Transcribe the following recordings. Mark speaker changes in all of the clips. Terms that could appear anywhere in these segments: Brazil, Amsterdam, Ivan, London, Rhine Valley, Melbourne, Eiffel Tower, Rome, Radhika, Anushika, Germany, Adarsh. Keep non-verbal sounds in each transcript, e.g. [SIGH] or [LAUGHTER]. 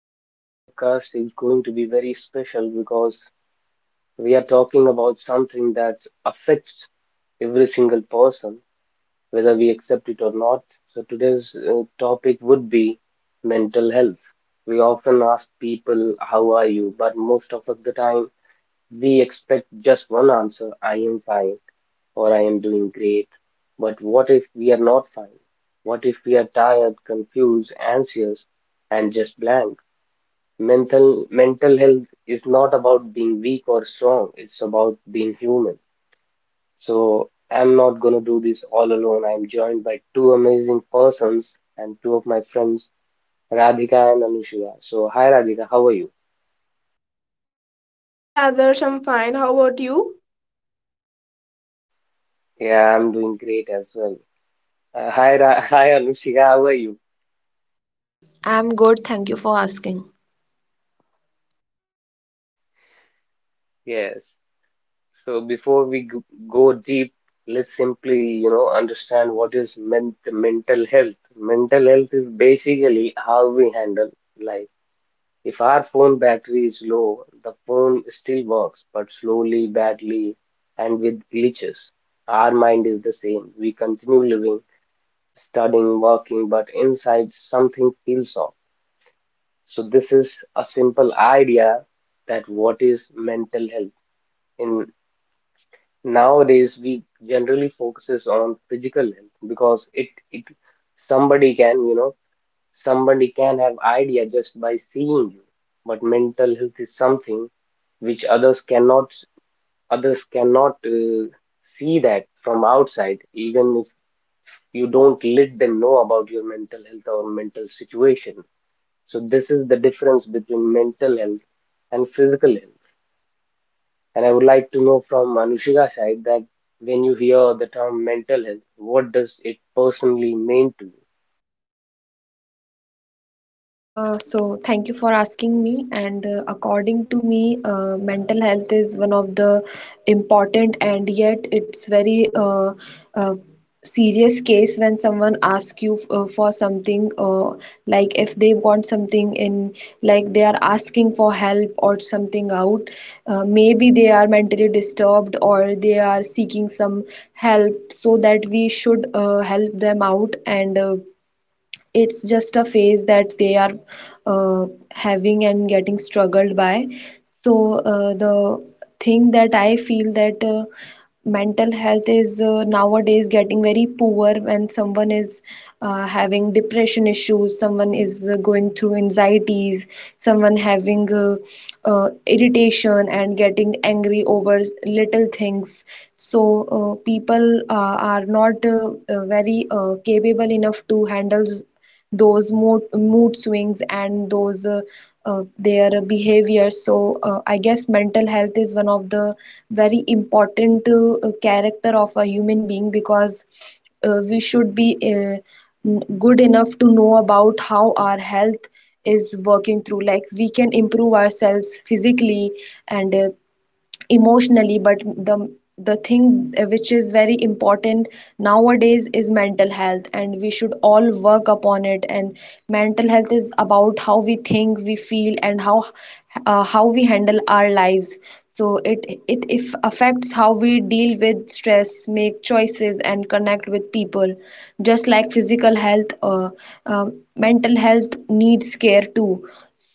Speaker 1: Today's podcast is going to be very special because we are talking about something that affects every single person, whether we accept it or not. So today's topic would be mental health. We often ask people, how are you? But most of the time, we expect just one answer, I am fine or I am doing great. But what if we are not fine? What if we are tired, confused, anxious, and just blank? Mental health is not about being weak or strong, it's about being human. So I'm not gonna do this all alone. I'm joined by two amazing persons and two of my friends, Radhika and Anushika. So hi Radhika, how are you?
Speaker 2: Hi Adarsh, I'm fine. How about you?
Speaker 1: Yeah, I'm doing great as well. Hi Ra [LAUGHS] hi Anushika, how are you?
Speaker 3: I'm good, thank you for asking.
Speaker 1: Yes. So go deep, let's simply, understand what is meant mental health. Mental health is basically how we handle life. If our phone battery is low, the phone still works, but slowly, badly, and with glitches. Our mind is the same. We continue living, studying, working, but inside something feels off. So this is a simple idea that what is mental health in. Nowadays, we generally focuses on physical health because it, somebody can, somebody can have idea just by seeing you. But mental health is something which others cannot see that from outside, even if you don't let them know about your mental health or mental situation. So this is the difference between mental health and physical health. And I would like to know from Anushika's side that when you hear the term mental health, what does it personally mean to you?
Speaker 3: So thank you for asking me. And according to me, mental health is one of the important and yet it's very uh, serious case when someone asks you for something, like if they want something in, like they are asking for help or something out. Maybe they are mentally disturbed or they are seeking some help, so that we should help them out and. It's just a phase that they are uh, having and getting struggled by, so the thing that I feel that mental health is nowadays getting very poor when someone is having depression issues, someone is going through anxieties, someone having irritation and getting angry over little things. So people are not very capable enough to handle those mood swings and those their behavior. So I guess mental health is one of the very important character of a human being, because we should be good enough to know about how our health is working through, like we can improve ourselves physically and emotionally, but the the thing which is very important nowadays is mental health, and we should all work upon it. And mental health is about how we think, we feel, and how we handle our lives. So it if affects how we deal with stress, make choices, and connect with people. Just like physical health, uh, mental health needs care too.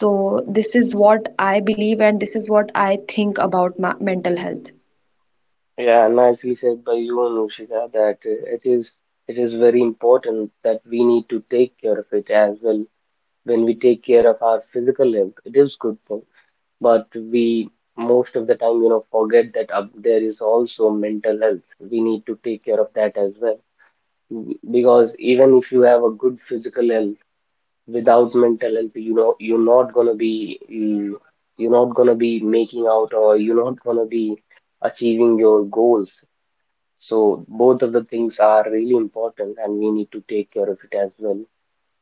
Speaker 3: So this is what I believe, and this is what I think about my mental health.
Speaker 1: Yeah, nicely said by you, Anushika, that it is very important that we need to take care of it as well. When we take care of our physical health, it is good thing, but we, most of the time, forget that there is also mental health. We need to take care of that as well. Mm, because even if you have a good physical health, without mental health, you know, you're not going to be you're not going to be making out, or you're not going to be achieving your goals. So both of the things are really important and we need to take care of it as well.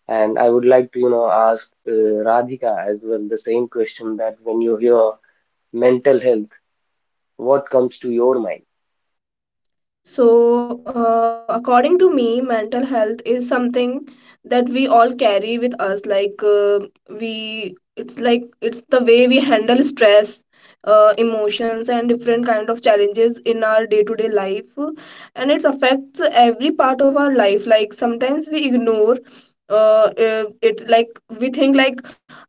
Speaker 1: And I would like to, you know, ask Radhika as well the same question, that when you hear mental health, what comes to your mind?
Speaker 2: So, according to me, mental health is something that we all carry with us. It's the way we handle stress, emotions, and different kind of challenges in our day to day life. And it affects every part of our life. Like, sometimes we ignore it like we think like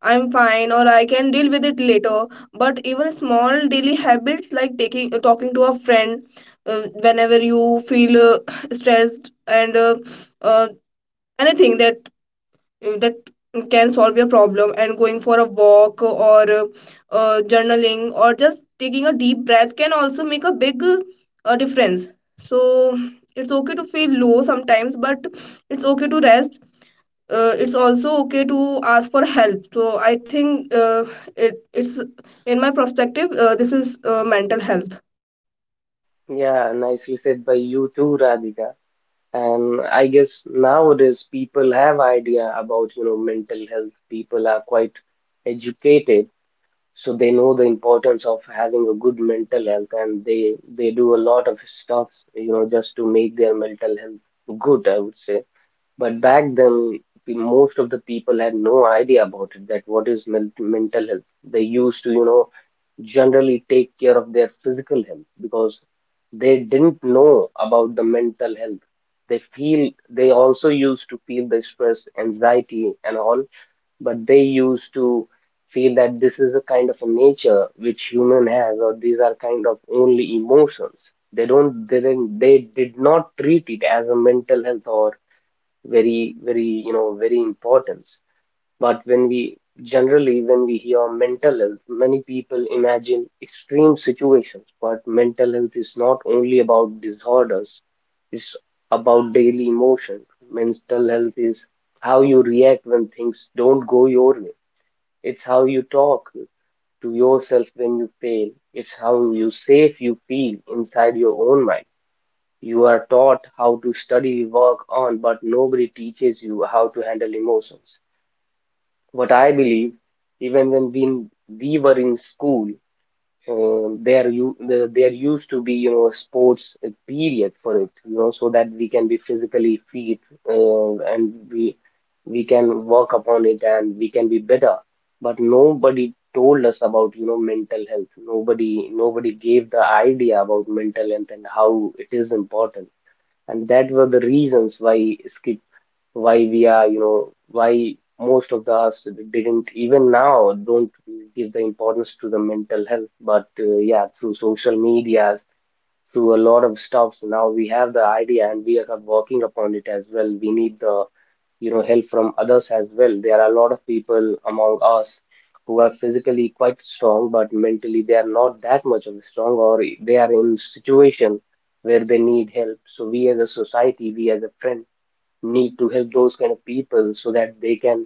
Speaker 2: I'm fine, or I can deal with it later. But even small daily habits like taking talking to a friend whenever you feel [SIGHS] stressed, and uh, anything that can solve your problem, and going for a walk or journaling, or just taking a deep breath can also make a big difference. So it's okay to feel low sometimes, but it's okay to rest. Uh, it's also okay to ask for help. So I think it's, in my perspective, this is mental health.
Speaker 1: Yeah, nicely said by you too, Radhika. And I guess nowadays people have idea about, you know, mental health. People are quite educated, so they know the importance of having a good mental health, and they do a lot of stuff, you know, just to make their mental health good, I would say. But back then, most of the people had no idea about it, that what is mental health. They used to, you know, generally take care of their physical health because they didn't know about the mental health. They also used to feel the stress, anxiety, and all, but they used to feel that this is a kind of a nature which human has, or these are kind of only emotions. They did not treat it as a mental health or very, very, very important. But when we generally, when we hear mental health, many people imagine extreme situations. But mental health is not only about disorders, it's about daily emotion. Mental health is how you react when things don't go your way, it's how you talk to yourself when you fail, it's how you safe you feel inside your own mind. You are taught how to study, work on, but nobody teaches you how to handle emotions, what I believe. Even when we were in school, there used to be, you know, a sports period for it, you know, so that we can be physically fit and we can work upon it and we can be better. But nobody told us about, you know, mental health. Nobody gave the idea about mental health and how it is important. And that were the reasons why we are, you know, why most of the us didn't, even now don't give the importance to the mental health. But yeah, through social medias, through a lot of stuff, now we have the idea and we are working upon it as well. We need the, you know, help from others as well. There are a lot of people among us who are physically quite strong, but mentally they are not that much of strong, or they are in situation where they need help. So we as a society, we as a friend need to help those kind of people so that they can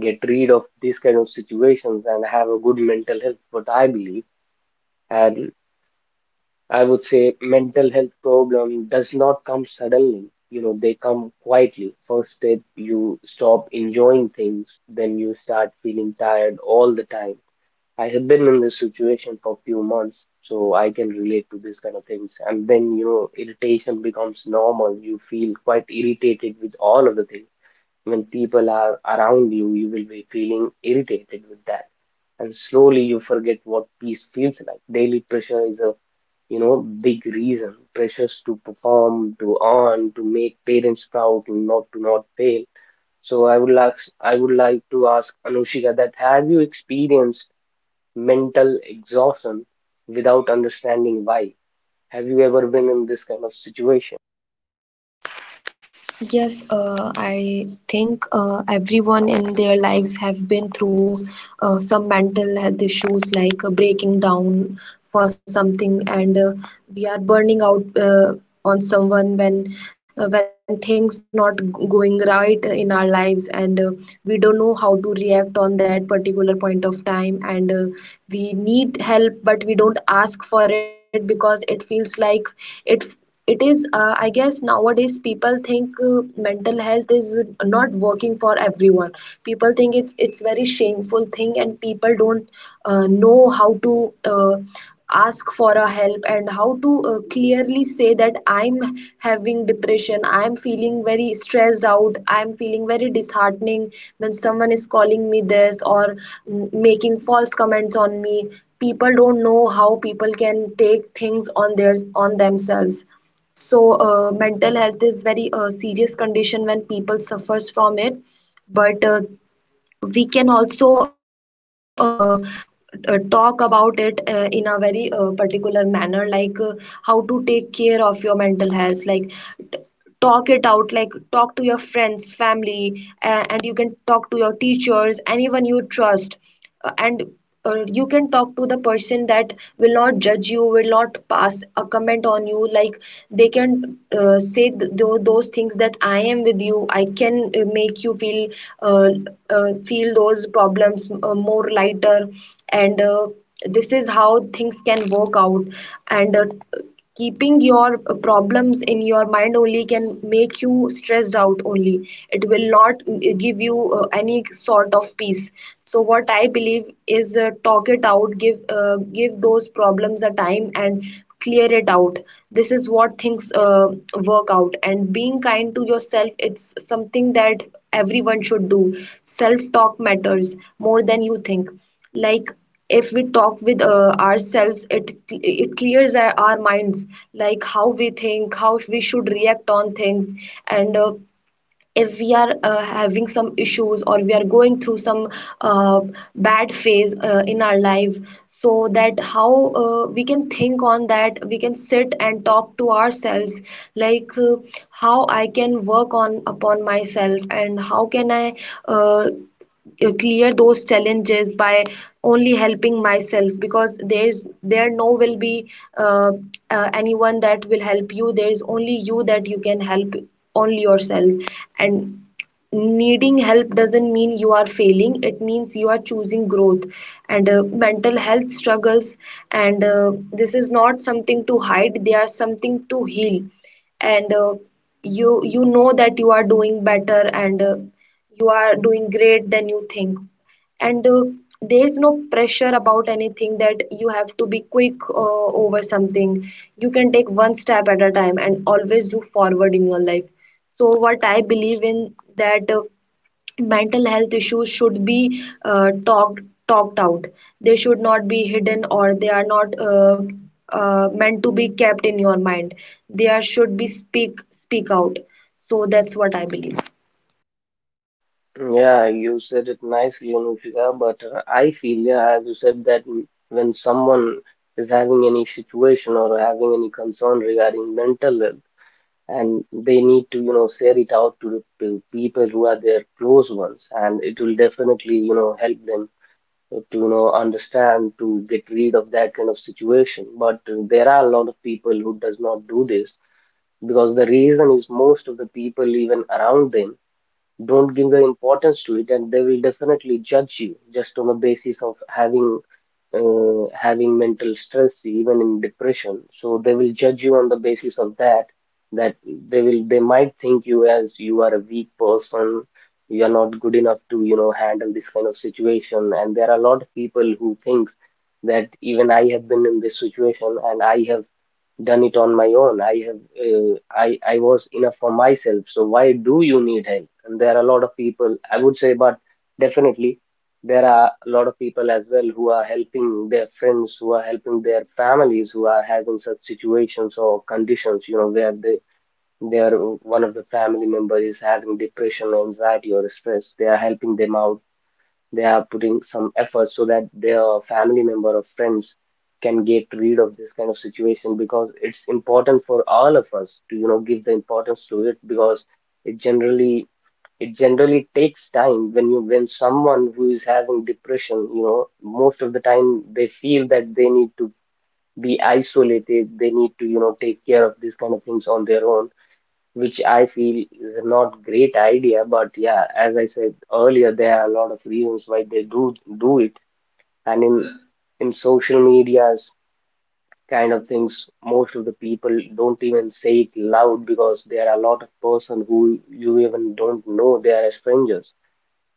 Speaker 1: get rid of these kind of situations and have a good mental health, what I believe. And I would say mental health problem does not come suddenly, you know, they come quietly. First step, you stop enjoying things, then you start feeling tired all the time. I have been in this situation for few months, so I can relate to these kind of things. And then, you know, irritation becomes normal, you feel quite irritated with all of the things. When people are around you, you will be feeling irritated with that. And slowly you forget what peace feels like. Daily pressure is a, you know, big reason. Pressures to perform, to earn, to make parents proud, to not fail. So I would like to ask Anushika that have you experienced mental exhaustion without understanding why? Have you ever been in this kind of situation?
Speaker 3: Yes, I think everyone in their lives have been through some mental health issues, like breaking down for something, and we are burning out on someone when things not going right in our lives, and we don't know how to react on that particular point of time, and we need help, but we don't ask for it because it feels like it it is I guess nowadays people think mental health is not working for everyone. People think it's very shameful thing, and people don't know how to uh, ask for a help and how to clearly say that I'm having depression, I'm feeling very stressed out, I'm feeling very disheartening when someone is calling me this or making false comments on me. People don't know how people can take things on their on themselves. So mental health is very serious condition when people suffers from it. But we can also talk about it in a very particular manner, like how to take care of your mental health. Like t- talk it out, like talk to your friends, family, and you can talk to your teachers, anyone you trust, and you can talk to the person that will not judge you, will not pass a comment on you. Like they can say those things that I am with you, I can make you feel uh, feel those problems more lighter. And this is how things can work out. And keeping your problems in your mind only can make you stressed out only. It will not give you any sort of peace. So what I believe is talk it out, give give those problems a time and clear it out. This is what things work out. And kind to yourself, it's something that everyone should do. Self talk matters more than you think. Like if we talk with ourselves, it clears our minds, like how we think, how we should react on things. And we are having some issues, or we are going through some uh, bad phase in our life. So that how we can think on that, we can sit and talk to ourselves, like how I can work on upon myself, and how can I uh, clear those challenges by only helping myself, because there is there no will be uh, anyone that will help you. There is only you that you can help, only yourself. And needing help doesn't mean you are failing, it means you are choosing growth. And mental health struggles, and this is not something to hide, they are something to heal. And you you know that you are doing better, and you are doing great than you think. And there is no pressure about anything, that you have to be quick over something. You can take one step at a time and always look forward in your life. So what I believe in, that mental health issues should be talked out. They should not be hidden, or they are not meant to be kept in your mind. They are should be speak out. So that's what I believe.
Speaker 1: Yeah, you said it nicely, Anushika, but I feel, yeah, as you said, that when someone is having any situation or having any concern regarding mental health, and they need to, you know, share it out to the to people who are their close ones, and it will definitely, you know, help them to, you know, understand to get rid of that kind of situation. But there are a lot of people who does not do this because the reason is most of the people, even around them, don't give the importance to it, and they will definitely judge you just on the basis of having having mental stress, even in depression. So they will judge you on the basis of that, that they will, they might think you as you are a weak person, you are not good enough to, you know, handle this kind of situation. And there are a lot of people who think that, even I have been in this situation and I have done it on my own. I I was enough for myself, so why do you need help? And there are a lot of people, I would say, but definitely there are a lot of people as well who are helping their friends, who are helping their families who are having such situations or conditions, you know, where they are, one of the family members is having depression, anxiety or stress, they are helping them out. They are putting some effort so that their family member or friends can get rid of this kind of situation, because it's important for all of us to, you know, give the importance to it, because it generally it generally takes time. When you, when someone who is having depression, you know, most of the time they feel that they need to be isolated, they need to, you know, take care of these kind of things on their own, which I feel is a not great idea. But yeah, as I said earlier, there are a lot of reasons why they do it. And in social medias kind of things, most of the people don't even say it loud, because there are a lot of person who you even don't know. They are strangers,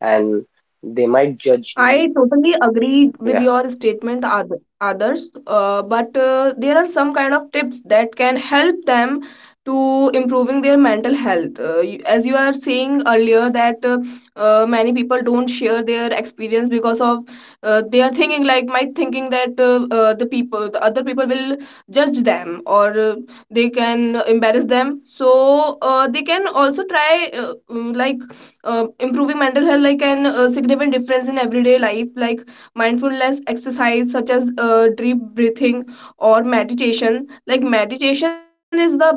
Speaker 1: and they might judge you.
Speaker 2: I totally agree with
Speaker 1: Yeah,
Speaker 2: your statement, others, but there are some kind of tips that can help them to improving their mental health. As you are saying earlier, that many people don't share their experience because of they are thinking like, might thinking that the people, the other people will judge them or they can embarrass them. So they can also try like improving mental health like an significant difference in everyday life, like mindfulness exercise such as deep breathing or meditation. Like, meditation is the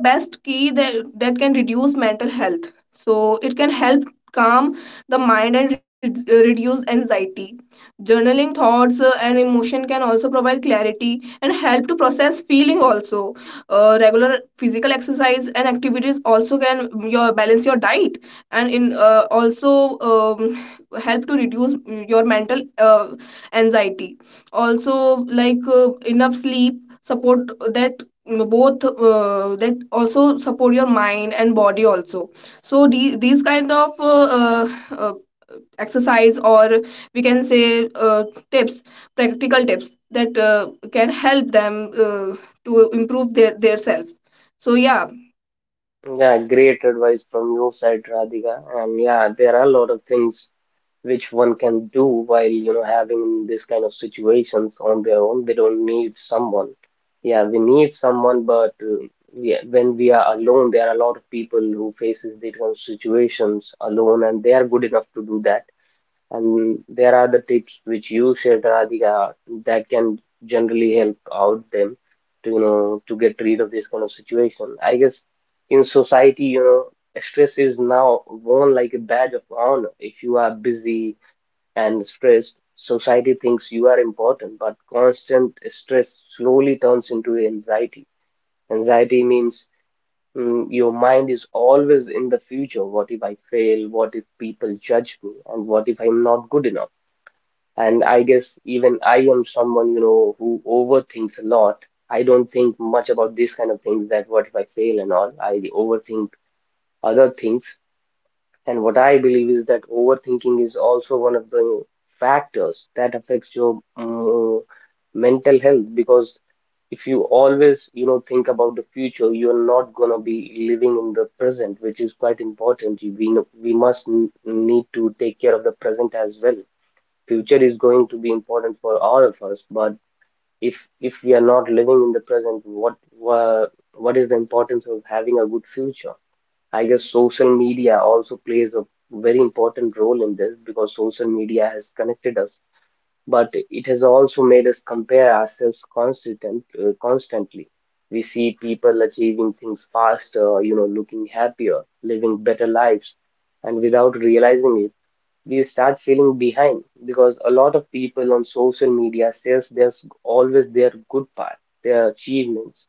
Speaker 2: best key that can reduce mental health. So it can help calm the mind and reduce anxiety. Journaling thoughts and emotion can also provide clarity and help to process feeling also. Regular physical exercise and activities also can your balance your diet, and in also [LAUGHS] help to reduce your mental anxiety also, like enough sleep support that both that also support your mind and body also. So these kind of uh, exercise, or we can say tips, practical tips that can help them to improve their self. So yeah.
Speaker 1: yeah, great advice from your side, Radhika. And yeah, there are a lot of things which one can do while you know having this kind of situations on their own. They don't need someone. Yeah, we need someone, but yeah, when we are alone there are a lot of people who faces these kind of situations alone and they are good enough to do that. And there are the tips which you shared, Radhika, that can generally help out them to you know to get rid of this kind of situation, I guess. In society, you know, stress is now worn like a badge of honor. If you are busy and stressed, society thinks you are important, but constant stress slowly turns into anxiety. Anxiety means your mind is always in the future. What if I fail? What if people judge me? And what if I'm not good enough? And I guess even I am someone, you know, who overthinks a lot. I don't think much about these kind of things that what if I fail and all. I overthink other things. And what I believe is that overthinking is also one of the factors that affects your mental health, because if you always, you know, think about the future, you're not gonna be living in the present, which is quite important. We must need to take care of the present as well. Future is going to be important for all of us, but if we are not living in the present, wha- what is the importance of having a good future? I guess social media also plays a very important role in this, because social media has connected us, but it has also made us compare ourselves constantly. We see people achieving things faster, you know, looking happier, living better lives, and without realizing it, we start feeling behind, because a lot of people on social media says there's always their good part, their achievements,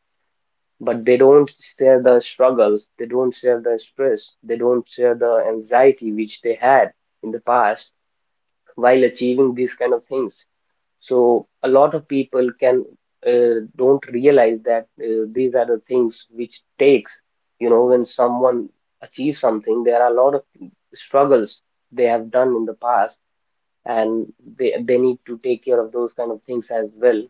Speaker 1: but they don't share the struggles, they don't share the stress, they don't share the anxiety which they had in the past while achieving these kind of things. So a lot of people can don't realize that these are the things which takes, you know, when someone achieves something, there are a lot of struggles they have done in the past, and they need to take care of those kind of things as well.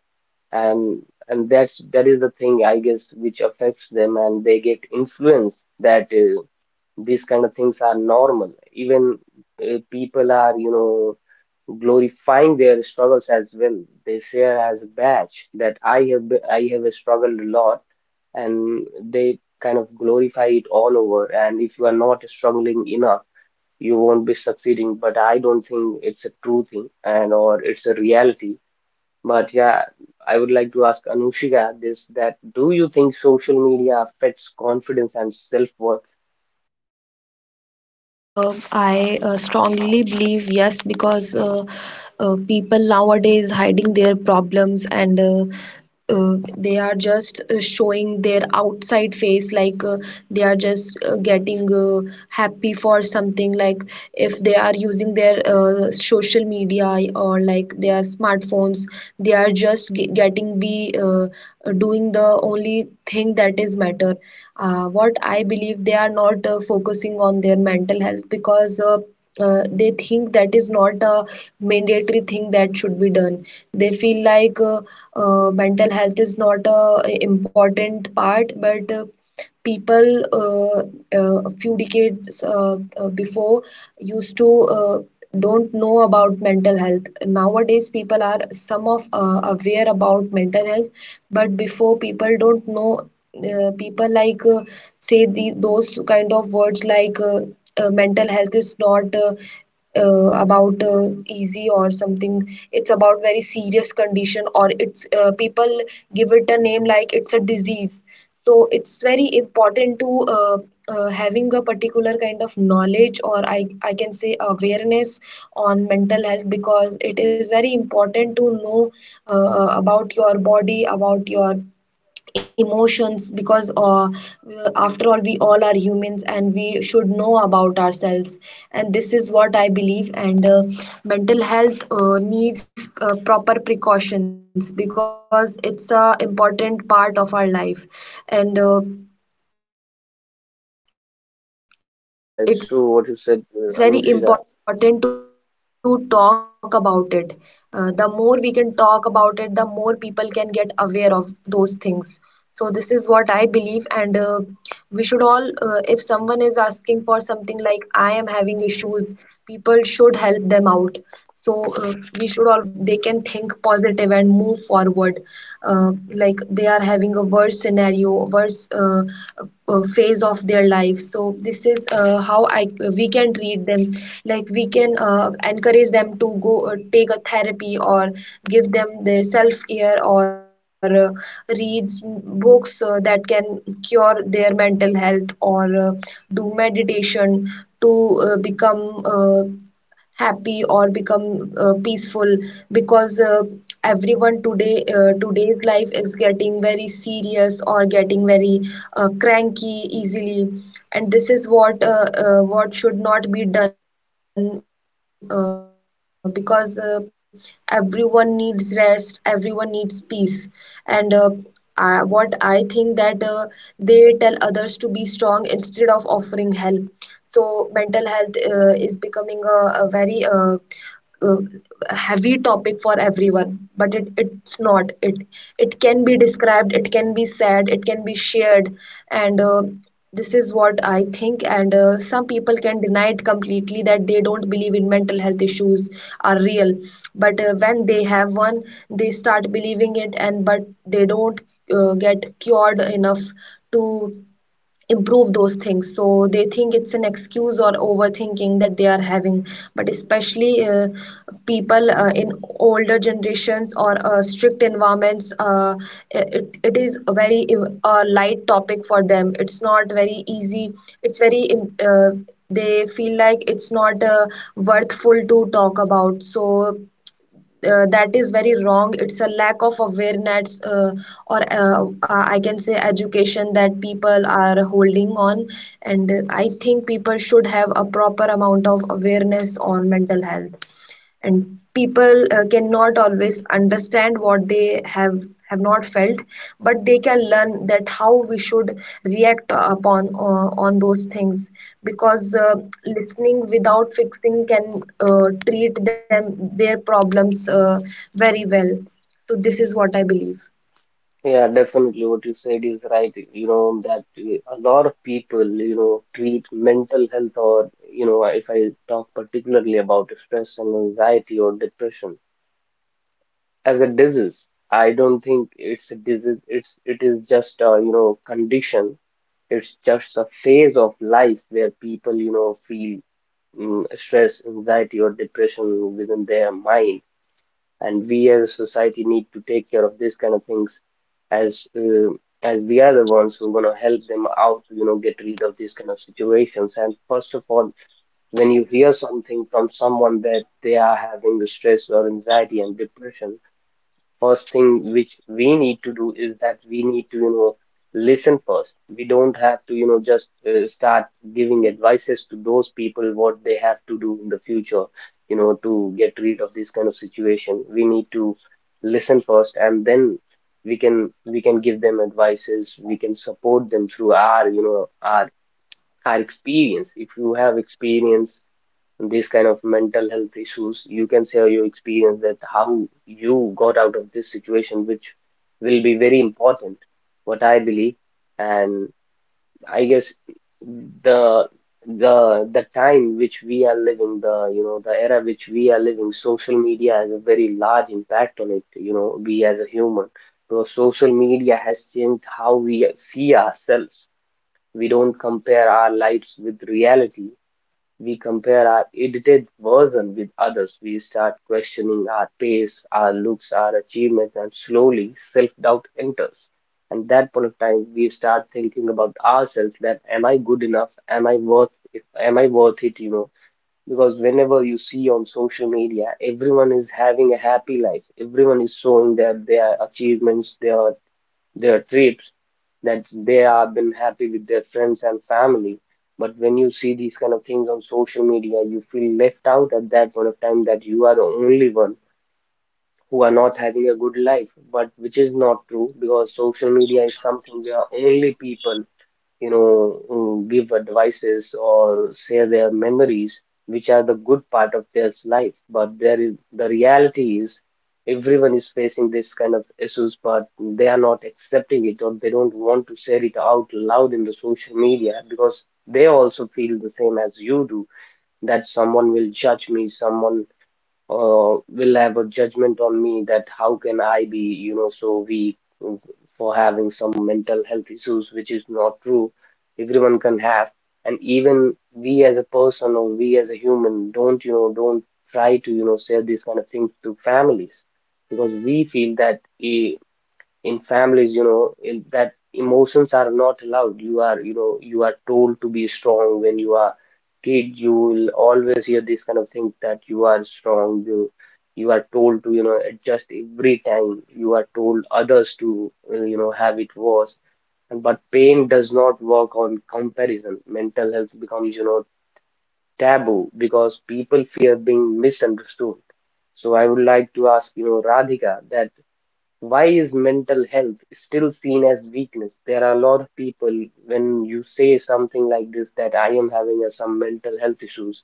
Speaker 1: And that is the thing, I guess, which affects them, and they get influenced that these kind of things are normal. Even people are, you know, glorifying their struggles as well. They share as a badge that I have struggled a lot, and they kind of glorify it all over. And if you are not struggling enough, you won't be succeeding, but I don't think it's a true thing, and or it's a reality. But yeah, I would like to ask Anushika this, that do you think social media affects confidence and self-worth?
Speaker 3: I strongly believe yes, because people nowadays hiding their problems, and they are just showing their outside face, like they are just getting happy for something. Like if they are using their social media or like their smartphones, they are just getting be doing the only thing that is matter. What I believe, they are not focusing on their mental health, because they think that is not a mandatory thing that should be done. They feel like mental health is not a important part. But people a few decades before used to uh, don't know about mental health. Nowadays people are some of aware about mental health, but before people don't know. People like say the those kind of words, like mental health is not about easy or something. It's about very serious condition, or it's people give it a name like it's a disease. So it's very important to having a particular kind of knowledge, or I can say awareness on mental health, because it is very important to know about your body, about your emotions, because after all we all are humans and we should know about ourselves. And this is what I believe. And mental health needs proper precautions, because it's a important part of our life. And it's very important to talk about it.
Speaker 1: Yeah, it's
Speaker 3: Uh, the
Speaker 1: true what you
Speaker 3: more we
Speaker 1: said,
Speaker 3: can talk about
Speaker 1: Anushika.
Speaker 3: it, the more people can get aware of those things. So this is what I believe. And we should all if someone is asking for something, like I am having issues, people should help them out. So uh, we should always listen them, and we should provide something, like they can think positive and move forward, uh, like they are having a worse scenario, worse phase of their life. So this is how I we can treat them, like we can encourage them to go take a therapy, or give them their self care, or reads books that can cure their mental health, or do meditation to become happy or become peaceful, because everyone today's life is getting very serious, or getting very cranky easily. And this is what should not be done, because everyone needs rest, everyone needs peace.
Speaker 1: Yeah, definitely what you said is right. You know, that a lot of people, you know, treat mental health or, you know, if I talk particularly about stress and anxiety or depression as a disease. I don't think it's a disease. It is just a, you know, condition. It's just a phase of life where people, you know, feel stress, anxiety, or depression within their mind. And we as a society need to take care of these kind of things as uh, as we are the ones who are going to help them out, you know, get rid of these kind of situations. And first of all, when you hear something from someone that they are having the stress or anxiety and depression, first thing which we need to do is that we need to you know listen first. We don't have to you know just start giving advices to those people what they have to do in the future, you know, to get rid of this kind of situation. We need to listen first, and then we can give them advices. We can support them through our, you know, our experience. If you have experience these kind of mental health issues, you can share your experience that how you got out of this situation, which will be very important, what I believe. And I guess the the time which we are living, the you know the era which we are living, social media has a very large impact on it. You know, we as a human, because social media has changed how we see ourselves. We don't compare our lives with reality, we compare our edited version with others, we start questioning our pace, our looks, our achievements, and slowly self doubt enters. And that point of time, we start thinking about ourselves that am I good enough? Am I worth it? You know, because whenever you see on social media, everyone is having a happy life. Everyone is showing their achievements, their trips that they have been happy with their friends and family. But when you see these kind of things on social media, you feel left out at that point of time, that you are the only one who are not having a good life, but which is not true, because social media is something where only people you know, give advices or share their memories, which are the good part of their life. But there is, the reality is everyone is facing this kind of issues, but they are not accepting it, or they don't want to share it out loud in the social media, because they also feel the same as you do, that someone will judge me, someone will have a judgment on me, that how can I be, you know, so weak mm, for having some mental health issues, which is not true. Everyone can have, and even we as a person or we as a human don't, you know, don't try to, you know, say these kind of things to families, because we feel that in families you know in, that emotions are not allowed. You are you know you are told to be strong. When you are kid, you will always hear this kind of thing, that you are strong. You you are told to you know adjust every time. You are told others to you know have it worse. And but pain does not work on comparison. Mental health becomes, you know, taboo, because people fear being misunderstood. So I would like to ask, you know, Radhika that why is mental health still seen as weakness? There are a lot of people, when you say something like this, that I am having a, some mental health issues,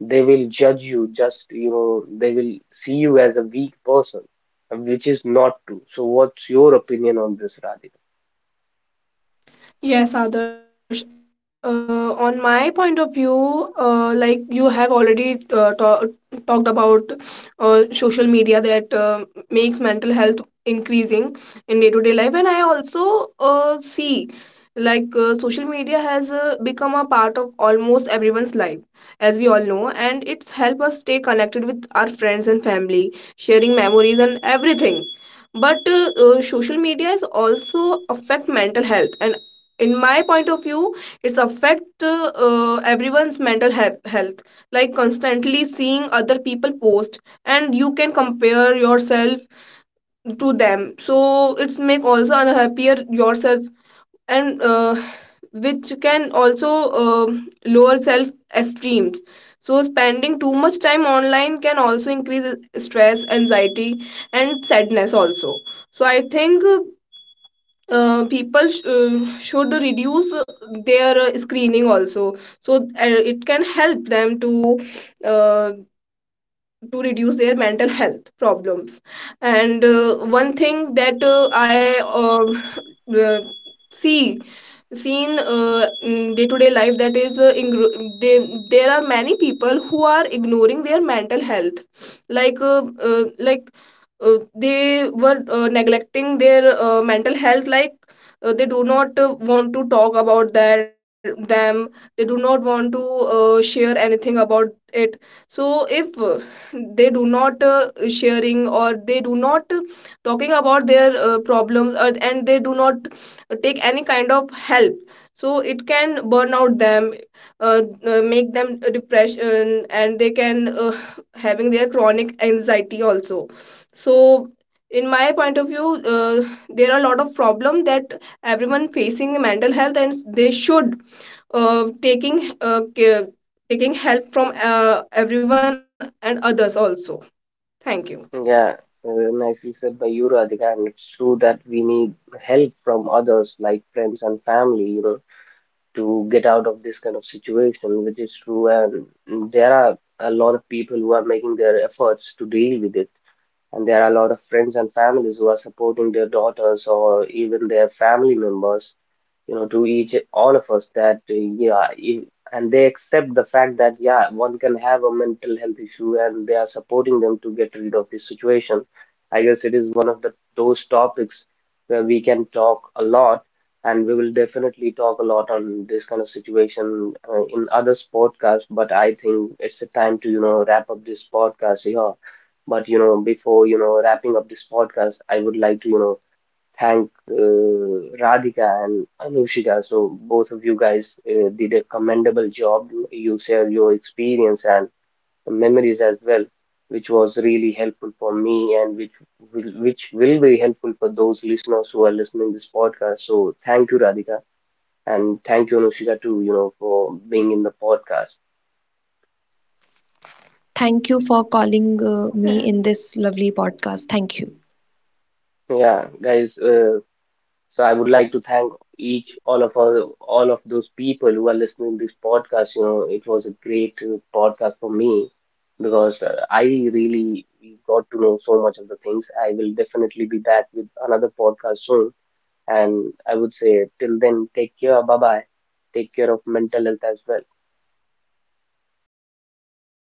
Speaker 1: they will judge you, just, you know, they will see you as a weak person, which is not true. So, what's your opinion on this, Radhika?
Speaker 2: Yes, Adarsh. On my point of view, like you have already talked about social media that makes mental health increasing in day to day life, and I also see like social media has become a part of almost everyone's life, as we all know, and it's helped stay connected with our friends and family, sharing memories and everything. But social media is also affect mental health, and in my point of view, it's affect everyone's mental health, like constantly seeing other people post and you can compare yourself to them, so it's make also unhappier yourself, and which can also lower self esteems. So spending too much time online can also increase stress, anxiety, and sadness also. So I think people should reduce their screening also, so it can help them uh, to reduce their mental health problems. And one thing that I [LAUGHS] uh, see seen in day-to-day life, that is they, there are many people who are ignoring their mental health, like they were neglecting their mental health. Like, they do not want to talk about their them, they do not want to share anything about it. So if they do not sharing, or they do not talking about their problems, or, and they do not take any kind of help, so it can burn out them, make them depression, and they can having their chronic anxiety also. So in my point of view, [LAUGHS] there are a lot of problem that everyone facing mental health, and they should taking care, taking help from everyone and others also. Thank you.
Speaker 1: Yeah, nicely said by you, Radhika, and it's true that we need help from others like friends and family. You know, to get out of this kind of situation, which is true. And there are a lot of people who are making their efforts to deal with it. And there are a lot of friends and families who are supporting their daughters or even their family members, you know, to each all of us that yeah, i- and they accept the fact that yeah, one can have a mental health issue, and they are supporting them to get rid of this situation. I guess it is one of the those topics where we can talk a lot, and we will definitely talk a lot on this kind of situation in other podcasts. But I think it's a time to you know wrap up this podcast here. But you know, before you know wrapping up this podcast, I would like to you know thank Radhika and Anushika. So both of you guys did a commendable job. You shared your experience and memories as well, which was really helpful for me, and which which will be helpful for those listeners who are listening this podcast. So thank you, Radhika, and thank you, Anushika, too. You know, for being in the podcast.
Speaker 3: Thank you for calling
Speaker 2: Th-
Speaker 3: me in this lovely podcast. Thank you.
Speaker 1: Yeah, guys. So I would like to thank each all of our, all of those people who are listening this podcast. You know, it was a great podcast for me, because I really got to know so much of the things. I will definitely be back with another podcast soon. And I would say till then, take care. Bye bye. Take care of mental health as well.
Speaker 2: hmm, thank you.